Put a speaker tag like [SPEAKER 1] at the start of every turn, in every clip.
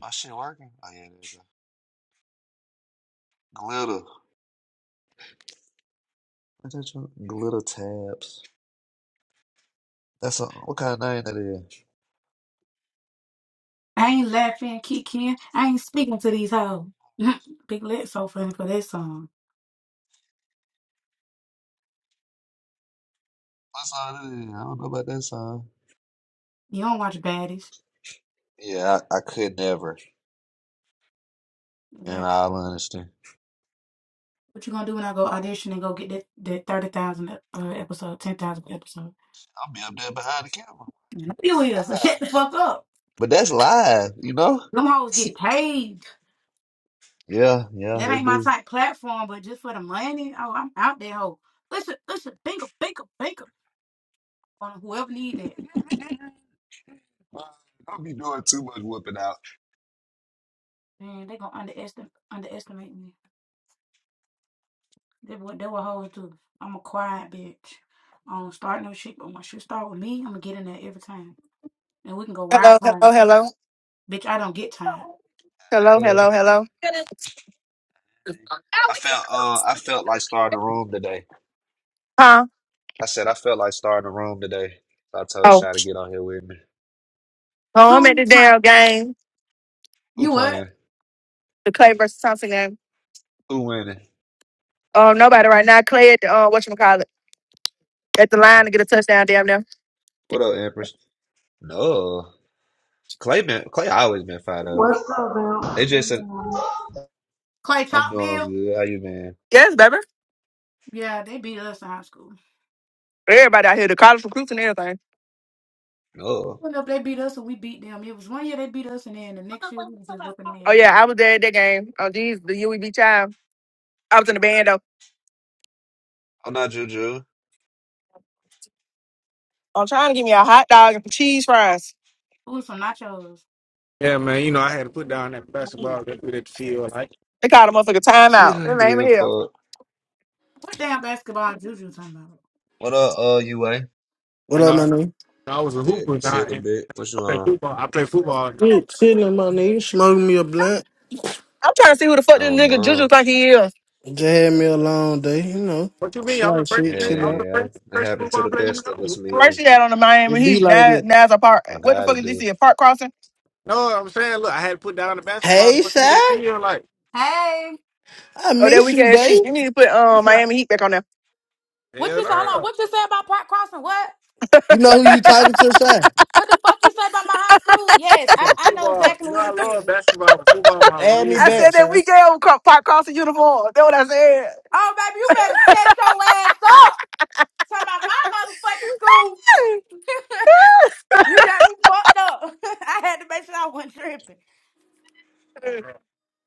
[SPEAKER 1] My shit working? Oh yeah, there you go. Glitter. What that you- Glitter tabs. That's a what kind of name that is?
[SPEAKER 2] I ain't laughing, kicking. I ain't speaking to these hoes. Big Lit so funny for that song.
[SPEAKER 1] What song it is? I don't know about that song.
[SPEAKER 2] You don't watch Baddies.
[SPEAKER 1] Yeah, I, I could never, in
[SPEAKER 2] Like,
[SPEAKER 1] all honesty. I'll
[SPEAKER 2] what you gonna do when I go audition and go get that, that 30,000 uh, episode, 10,000 episode?
[SPEAKER 1] be up there behind the camera
[SPEAKER 2] And I
[SPEAKER 1] watching.
[SPEAKER 2] here, so
[SPEAKER 1] Live.
[SPEAKER 2] shut the fuck up.
[SPEAKER 1] But that's live, you know?
[SPEAKER 2] Them hoes get paid.
[SPEAKER 1] Yeah, yeah,
[SPEAKER 2] That
[SPEAKER 1] they
[SPEAKER 2] ain't my
[SPEAKER 1] do.
[SPEAKER 2] type platform, but just for the money, oh, I'm out there, hoe. Listen, listen, bingo, bingo, bingo. On whoever need that.
[SPEAKER 1] Don't be doing too much whooping out.
[SPEAKER 2] Man, they gonna underestimate, underestimate me. That what that what hoes do. I'm a quiet bitch. I don't start no shit, but once you start with me, I'm gonna get in there every time, and we can go round
[SPEAKER 3] Hello,
[SPEAKER 2] for
[SPEAKER 3] hello,
[SPEAKER 2] round.
[SPEAKER 3] hello,
[SPEAKER 2] Bitch, I don't get tired.
[SPEAKER 3] hello,
[SPEAKER 1] Hey.
[SPEAKER 3] hello, hello.
[SPEAKER 1] I felt uh I felt like starting a room today.
[SPEAKER 3] Huh?
[SPEAKER 1] I said I felt like starting a room today. So I told
[SPEAKER 3] Oh,
[SPEAKER 1] Shy to get on here with me.
[SPEAKER 3] oh, I'm at
[SPEAKER 2] Two
[SPEAKER 3] the
[SPEAKER 2] time.
[SPEAKER 3] damn game,
[SPEAKER 1] Who
[SPEAKER 2] You what?
[SPEAKER 1] playing?
[SPEAKER 3] the Clay versus Thompson game.
[SPEAKER 1] Who winning?
[SPEAKER 3] Um, nobody right now. Clay at the uh, what you call it at the line to get a touchdown. Damn near.
[SPEAKER 1] What up, Empress? No. Clay been Clay always been fine though.
[SPEAKER 4] What's up,
[SPEAKER 1] AJ said,
[SPEAKER 4] man?
[SPEAKER 2] Clay
[SPEAKER 1] I'm doing
[SPEAKER 2] Topville?
[SPEAKER 1] good. How you been?
[SPEAKER 3] Yes, baby.
[SPEAKER 2] Yeah, they beat us in high school.
[SPEAKER 3] Everybody out here, the college recruits and everything.
[SPEAKER 1] No.
[SPEAKER 2] Went up, they beat us, and we beat them. It was one year they beat us, and then the next year we was just whipping their
[SPEAKER 3] Oh
[SPEAKER 2] ass.
[SPEAKER 3] yeah, I was there at that game. Oh geez, the UEB child. I was in the band though.
[SPEAKER 1] I'm not Juju.
[SPEAKER 3] I'm trying to give me a hot dog and some cheese fries.
[SPEAKER 2] Ooh, some nachos.
[SPEAKER 5] Yeah, man. You know, I had to put down that basketball that through that field. Like,
[SPEAKER 3] They called a motherfucker timeout.
[SPEAKER 1] Yeah,
[SPEAKER 3] Their
[SPEAKER 1] you
[SPEAKER 3] name is
[SPEAKER 1] live
[SPEAKER 3] here.
[SPEAKER 1] for it.
[SPEAKER 2] What damn basketball juju talking about?
[SPEAKER 1] What up, uh UA?
[SPEAKER 6] What
[SPEAKER 5] you
[SPEAKER 6] up, my
[SPEAKER 5] know,
[SPEAKER 6] nigga?
[SPEAKER 5] I was a
[SPEAKER 1] Shit,
[SPEAKER 5] hooper now.
[SPEAKER 1] shit a
[SPEAKER 5] And
[SPEAKER 1] bit. What
[SPEAKER 5] I
[SPEAKER 1] you
[SPEAKER 5] play
[SPEAKER 1] on?
[SPEAKER 5] football. I play football now.
[SPEAKER 6] Mm, Chilling, my nigga. Smoking me a blunt.
[SPEAKER 3] I'm trying to see who the fuck this
[SPEAKER 1] Oh
[SPEAKER 3] nigga Juju
[SPEAKER 1] mom.
[SPEAKER 3] think he is.
[SPEAKER 6] Just had me a long day, you know.
[SPEAKER 5] What you mean? I'm the
[SPEAKER 6] Slight
[SPEAKER 5] first.
[SPEAKER 6] shit,
[SPEAKER 5] I'm
[SPEAKER 6] chill
[SPEAKER 1] Hey
[SPEAKER 6] out.
[SPEAKER 5] the
[SPEAKER 1] yeah.
[SPEAKER 5] first,
[SPEAKER 1] It
[SPEAKER 5] first
[SPEAKER 1] happened to
[SPEAKER 5] football
[SPEAKER 1] the
[SPEAKER 5] player. You
[SPEAKER 1] best of us,
[SPEAKER 5] know? Bro.
[SPEAKER 3] First
[SPEAKER 1] man.
[SPEAKER 3] he had on the Miami
[SPEAKER 6] It be
[SPEAKER 3] Heat.
[SPEAKER 6] like
[SPEAKER 3] Now,
[SPEAKER 6] that.
[SPEAKER 3] now it's a park.
[SPEAKER 1] I'm
[SPEAKER 3] What the
[SPEAKER 1] glad
[SPEAKER 3] fuck
[SPEAKER 1] to
[SPEAKER 3] is this?
[SPEAKER 1] do.
[SPEAKER 3] A park crossing?
[SPEAKER 5] No, I'm saying, look, I had to put down the basketball to
[SPEAKER 6] Hey,
[SPEAKER 5] go see
[SPEAKER 6] Shy.
[SPEAKER 5] that field. Like,
[SPEAKER 2] Hey,
[SPEAKER 6] I
[SPEAKER 3] Oh, that
[SPEAKER 6] miss
[SPEAKER 3] weak
[SPEAKER 6] you,
[SPEAKER 3] ass shit.
[SPEAKER 6] babe.
[SPEAKER 3] You need to put
[SPEAKER 2] you
[SPEAKER 3] um
[SPEAKER 5] hell
[SPEAKER 2] so
[SPEAKER 3] Miami Heat back on there.
[SPEAKER 2] what you say? Hold on,
[SPEAKER 5] no.
[SPEAKER 2] what you say about Park Crossing? What?
[SPEAKER 6] You know who you talking to, Shy?
[SPEAKER 2] What the fuck you say about my high school? Yes,
[SPEAKER 5] You
[SPEAKER 2] I,
[SPEAKER 5] know,
[SPEAKER 2] I know
[SPEAKER 5] football.
[SPEAKER 2] exactly
[SPEAKER 5] You know,
[SPEAKER 2] who
[SPEAKER 5] I
[SPEAKER 2] this is.
[SPEAKER 5] love basketball, but football my
[SPEAKER 6] Add me
[SPEAKER 5] real
[SPEAKER 3] I
[SPEAKER 6] back,
[SPEAKER 3] said
[SPEAKER 5] passion.
[SPEAKER 3] that
[SPEAKER 6] Shy.
[SPEAKER 3] weak ass cro- pop cross the uniform. That's what I said.
[SPEAKER 2] Oh, baby, you better shut your ass up. Talking about my motherfucking school. you got me fucked up. I had to make sure I wasn't tripping.
[SPEAKER 5] bro.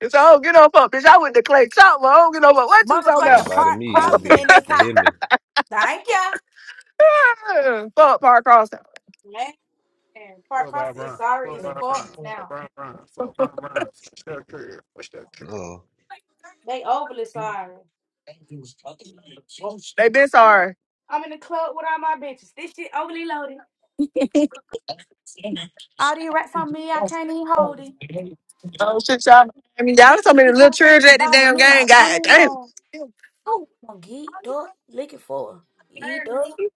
[SPEAKER 3] It's I don't get no fuck, bitch. I went to Clay Chopper. I don't get no fuck. What you talking
[SPEAKER 1] Should have
[SPEAKER 2] Motherfucking
[SPEAKER 3] about?
[SPEAKER 1] invited
[SPEAKER 2] park
[SPEAKER 1] me, you'll
[SPEAKER 2] crossing
[SPEAKER 1] be
[SPEAKER 2] in this
[SPEAKER 1] you
[SPEAKER 2] hot.
[SPEAKER 1] hear me.
[SPEAKER 2] Thank you.
[SPEAKER 3] fuck Park Cross.
[SPEAKER 2] Man, park
[SPEAKER 5] Football,
[SPEAKER 2] crossing is
[SPEAKER 5] Brown.
[SPEAKER 2] sorry as
[SPEAKER 5] Football,
[SPEAKER 2] fuck
[SPEAKER 5] Brown.
[SPEAKER 2] now.
[SPEAKER 5] Football, Brown. Football, Brown. What's that career? What's that career?
[SPEAKER 1] No.
[SPEAKER 2] They overly sorry.
[SPEAKER 3] They been
[SPEAKER 2] I'm, in-
[SPEAKER 3] sorry.
[SPEAKER 2] I'm in the club with all my bitches. This shit overly loaded. All these rats on me, I
[SPEAKER 3] Oh
[SPEAKER 2] can't even hold it.
[SPEAKER 3] shit, y'all. I mean, y'all
[SPEAKER 2] This
[SPEAKER 3] so
[SPEAKER 2] bitch
[SPEAKER 3] many
[SPEAKER 2] be
[SPEAKER 3] little
[SPEAKER 2] trying to take
[SPEAKER 3] children
[SPEAKER 2] me,
[SPEAKER 3] at the
[SPEAKER 2] bottle
[SPEAKER 3] damn
[SPEAKER 2] me, I
[SPEAKER 3] game.
[SPEAKER 2] don't
[SPEAKER 3] God
[SPEAKER 2] even
[SPEAKER 3] damn.
[SPEAKER 2] know. I'm gonna get, duck, looking for. her. Eat, duck.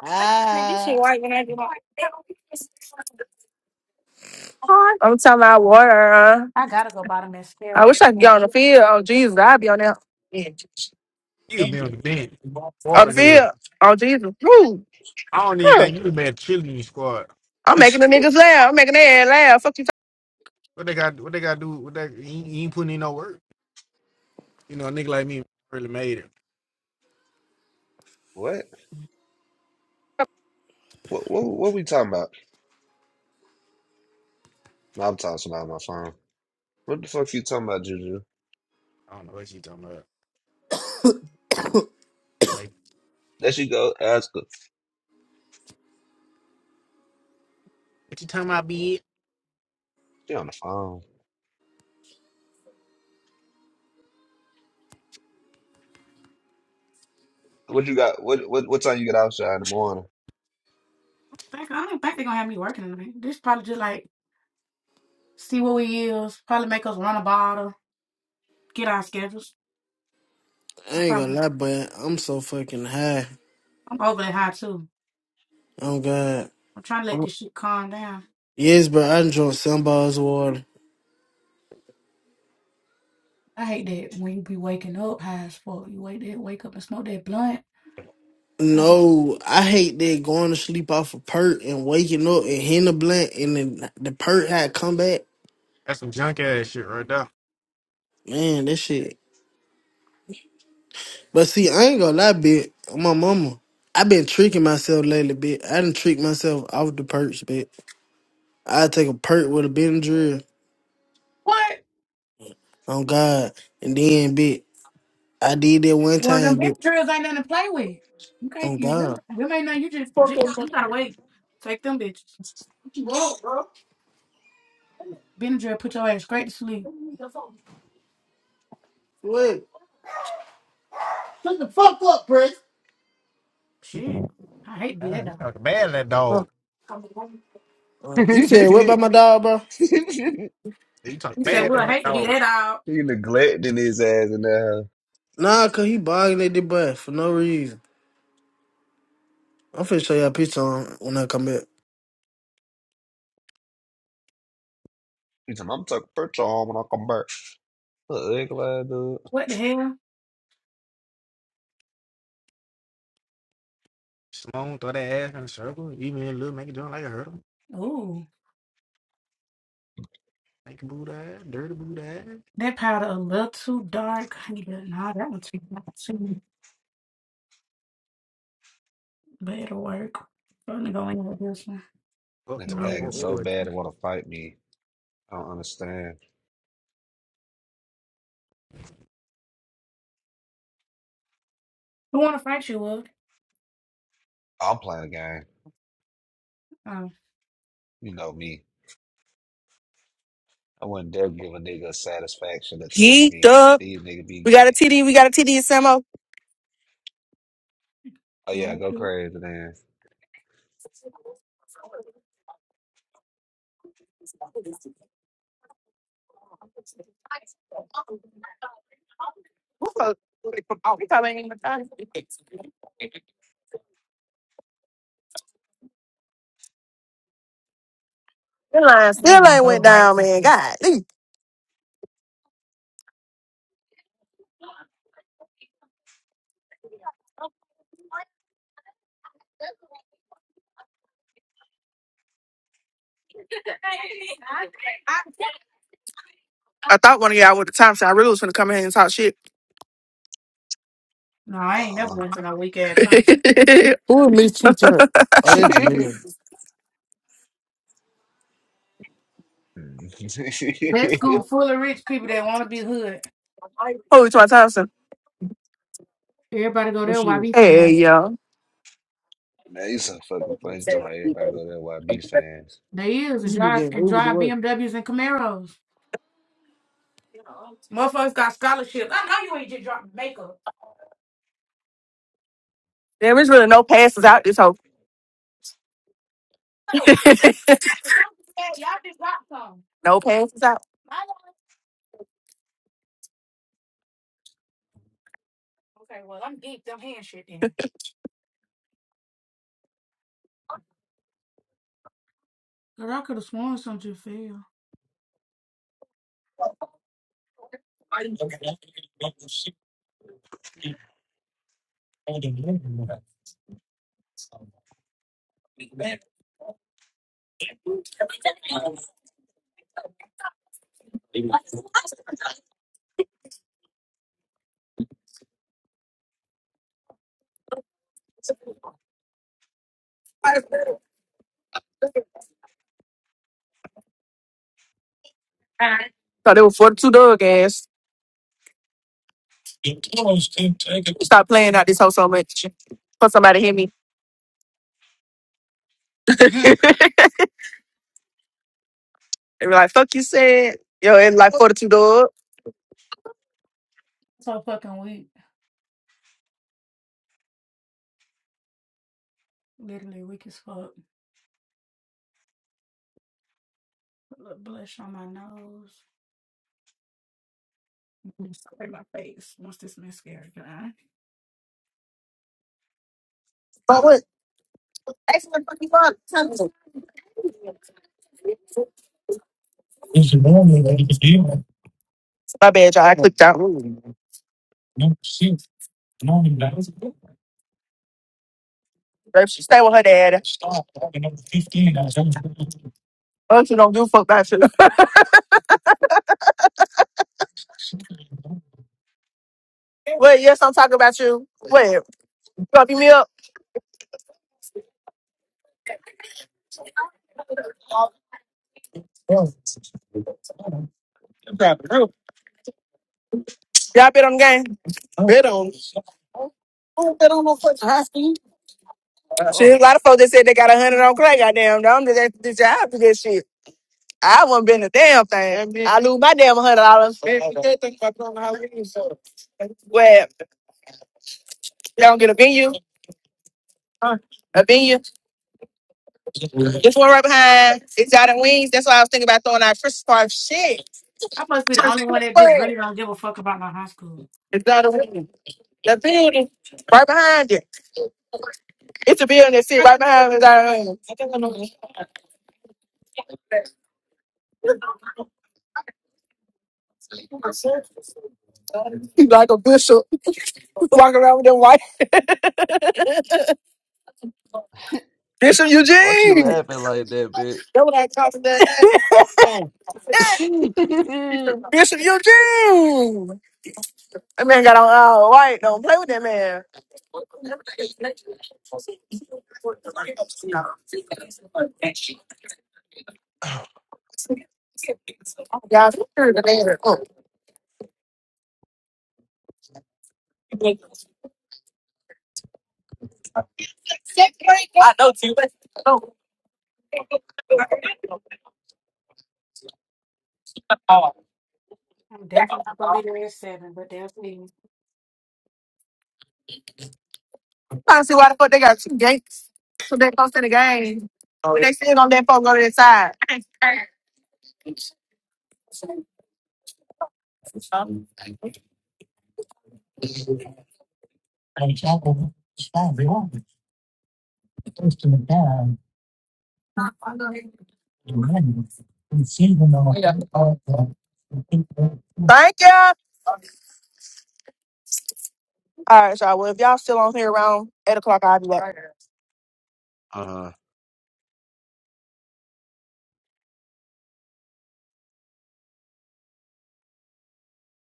[SPEAKER 6] Ah.
[SPEAKER 3] I'm talking about water. Huh?
[SPEAKER 2] I gotta go buy the mascara.
[SPEAKER 3] I wish I could get on the
[SPEAKER 2] Mhm.
[SPEAKER 3] field. Oh Jesus, I'd be on there
[SPEAKER 5] You be on the bench.
[SPEAKER 3] on
[SPEAKER 5] Water
[SPEAKER 3] the
[SPEAKER 5] girl.
[SPEAKER 3] field. Oh Jesus. Woo.
[SPEAKER 5] I don't even
[SPEAKER 3] Huh.
[SPEAKER 5] think you be made a cheerleading squad.
[SPEAKER 3] I'm making the niggas laugh. I'm making their ass laugh. Fuck you
[SPEAKER 5] What they got? What they got to do? What that? He, ain't- he ain't putting in no work. You know, a nigga like me really made it.
[SPEAKER 1] What? What what what we talking about? No, I'm talking about my phone. What the fuck you talking about, Juju?
[SPEAKER 5] I don't know what you talking about. He Like,
[SPEAKER 1] There she go, ask her.
[SPEAKER 5] what you talking about, bitch?
[SPEAKER 1] She on the phone. What you got? What what what time you get outside in the morning?
[SPEAKER 2] Back, I don't think they're gonna have me working tonight. This probably just like see what we use. probably make us run a bottle, get our schedules.
[SPEAKER 6] I
[SPEAKER 2] I
[SPEAKER 6] ain't gonna
[SPEAKER 2] probably
[SPEAKER 6] lie, but I'm so fucking high.
[SPEAKER 2] I'm over that high too.
[SPEAKER 6] Oh, God.
[SPEAKER 2] I'm trying to let this shit calm down.
[SPEAKER 6] Yes, but I done drunk some bottles of water.
[SPEAKER 2] I hate that when you be waking up high as fuck. You wake that wake up and smoke that blunt. I'm just,
[SPEAKER 6] No, I hate that going to sleep off a perk and waking up and hitting a blunt and then the perk had come back.
[SPEAKER 5] That's some junk ass shit right there.
[SPEAKER 6] Man, that shit But see, I ain't gonna lie, bit my mama. i been tricking myself lately, bit. I done tricked myself off the perch, bit. I take a perk with a Benadryl
[SPEAKER 2] what?
[SPEAKER 6] on God, and then, bit, I did that one
[SPEAKER 2] Well them
[SPEAKER 6] time, bit,
[SPEAKER 2] big drills ain't nothing to play with. You can't
[SPEAKER 6] on
[SPEAKER 2] you
[SPEAKER 6] God.
[SPEAKER 2] never- them ain't nothing you just just gotta- you gotta wait. Take them bitches. Benadryl put your ass straight to sleep.
[SPEAKER 6] What?
[SPEAKER 5] He,
[SPEAKER 2] Shit. I hate to be
[SPEAKER 5] ah,
[SPEAKER 2] that
[SPEAKER 5] he
[SPEAKER 2] dog.
[SPEAKER 5] talking bad to that dog.
[SPEAKER 6] Uh, You said what about my dog, bro?
[SPEAKER 5] You talking
[SPEAKER 2] You said
[SPEAKER 1] he
[SPEAKER 5] bad
[SPEAKER 2] "Well,
[SPEAKER 5] to
[SPEAKER 2] I
[SPEAKER 5] that
[SPEAKER 2] hate to be
[SPEAKER 5] dog.
[SPEAKER 2] that dog.
[SPEAKER 1] neglecting his ass in there.
[SPEAKER 6] Nah, cause he barking at the butt for no reason. I'm finna show y'all a picture on when I come back.
[SPEAKER 1] He said, "I'm taking a picture on when I come back." Look, leg lag, dude.
[SPEAKER 2] What the hell?
[SPEAKER 5] Sloan throw that ass in a circle. Even little make it jump like a hurdle.
[SPEAKER 2] Ooh,
[SPEAKER 5] Make a boo that, dirty boo that.
[SPEAKER 2] that powder a little too dark. I need to- Nah, that one's too dark too. But it'll work. I'm gonna go in with this one.
[SPEAKER 5] Up
[SPEAKER 1] Nigga
[SPEAKER 2] Yeah.
[SPEAKER 5] time
[SPEAKER 1] lagging
[SPEAKER 5] for
[SPEAKER 2] Who
[SPEAKER 1] so
[SPEAKER 5] oil.
[SPEAKER 1] bad they want to fight me. I don't understand.
[SPEAKER 2] wanna fight you, Wood?
[SPEAKER 1] I'm playing a game.
[SPEAKER 2] Um,
[SPEAKER 1] You know me. I wouldn't dare give a nigga satisfaction to touch
[SPEAKER 3] Geeked
[SPEAKER 1] me.
[SPEAKER 3] up.
[SPEAKER 1] These niggas be
[SPEAKER 3] We got a
[SPEAKER 1] gay.
[SPEAKER 3] TD. We got a TD, Samo.
[SPEAKER 1] Oh
[SPEAKER 2] I
[SPEAKER 1] yeah, go crazy then.
[SPEAKER 3] That line still
[SPEAKER 2] ain't gonna
[SPEAKER 3] ain't
[SPEAKER 2] go
[SPEAKER 3] went
[SPEAKER 2] bite
[SPEAKER 3] down, man.
[SPEAKER 2] something.
[SPEAKER 3] God, dang. I thought one of y'all with the time shot. I really was gonna come in here and talk shit.
[SPEAKER 2] No, I ain't
[SPEAKER 1] Uh
[SPEAKER 2] never
[SPEAKER 1] uh
[SPEAKER 2] went to no weak ass Thompson.
[SPEAKER 6] Who at least two times? Oh, that's Jamaican.
[SPEAKER 1] Man,
[SPEAKER 2] That school full of rich people that wanna be hood.
[SPEAKER 3] Holy to my Thompson.
[SPEAKER 2] Everybody go
[SPEAKER 6] This
[SPEAKER 2] there,
[SPEAKER 6] shit,
[SPEAKER 2] YB
[SPEAKER 3] Hey,
[SPEAKER 2] fans.
[SPEAKER 3] yo.
[SPEAKER 1] you some fucking funny. You Talking about everybody go there. YB fans.
[SPEAKER 2] They is
[SPEAKER 6] this
[SPEAKER 2] and
[SPEAKER 6] should be
[SPEAKER 2] drive
[SPEAKER 6] getting
[SPEAKER 2] and
[SPEAKER 6] Uber the
[SPEAKER 2] drive
[SPEAKER 6] way.
[SPEAKER 2] BMWs and Camaros. Motherfuckers got scholarships. I know you ain't just dropping makeup.
[SPEAKER 3] There is really no passes out this whole.
[SPEAKER 2] No, cause some said y'all just dropped some.
[SPEAKER 3] No passes out.
[SPEAKER 2] Okay, well, I'm geeked. I'm hand shit then. Girl, I could have sworn something fell.
[SPEAKER 3] Thought they were 42 dog ass. Stop playing out this whole so much. For somebody hit me.
[SPEAKER 2] Mhm.
[SPEAKER 3] They were like, fuck you said. Yo, it's like 42 dog.
[SPEAKER 2] So fucking weak. Literally weak as fuck. Look, blush on my nose. Spray my face. Once this mascara dry.
[SPEAKER 3] My bad, y'all. I clicked out. Girl, she stay with her dad. Oh, she don't give a fuck about you. Wait, yes, I'm talking about you. Wait, fuck me up. Y'all bet on the game. Bet on.
[SPEAKER 1] Oh.
[SPEAKER 3] Shit, a lot of folks that said they got a hundred on Clay. Goddamn, no, I'm just after this job for this shit. I wouldn't been a damn thing. I lose my damn hundred dollars. Well, they don't get a venue. Uh, A venue. This one right behind Exotic Wings. That's why I was thinking about throwing out Christmas party. Shit,
[SPEAKER 2] I must be the only one that just really don't give a fuck about my high school.
[SPEAKER 3] Exotic Wings. The building right behind it. It's a building that sit right behind Exotic Wings. He's like a bishop walking around with them white Bishop
[SPEAKER 1] Why she
[SPEAKER 3] Eugene.
[SPEAKER 1] laughing like that, bitch?
[SPEAKER 3] Bishop Eugene. That man got on all white. Don't play with that man.
[SPEAKER 2] I'm definitely not gonna be there at seven, but they'll see.
[SPEAKER 3] I see why the fuck they got two gates. So they close to the game. But they still gonna let folks go to the side. Thank you. All right, y'all. Well, if y'all still on here around eight o'clock, I'll be back.
[SPEAKER 1] Uh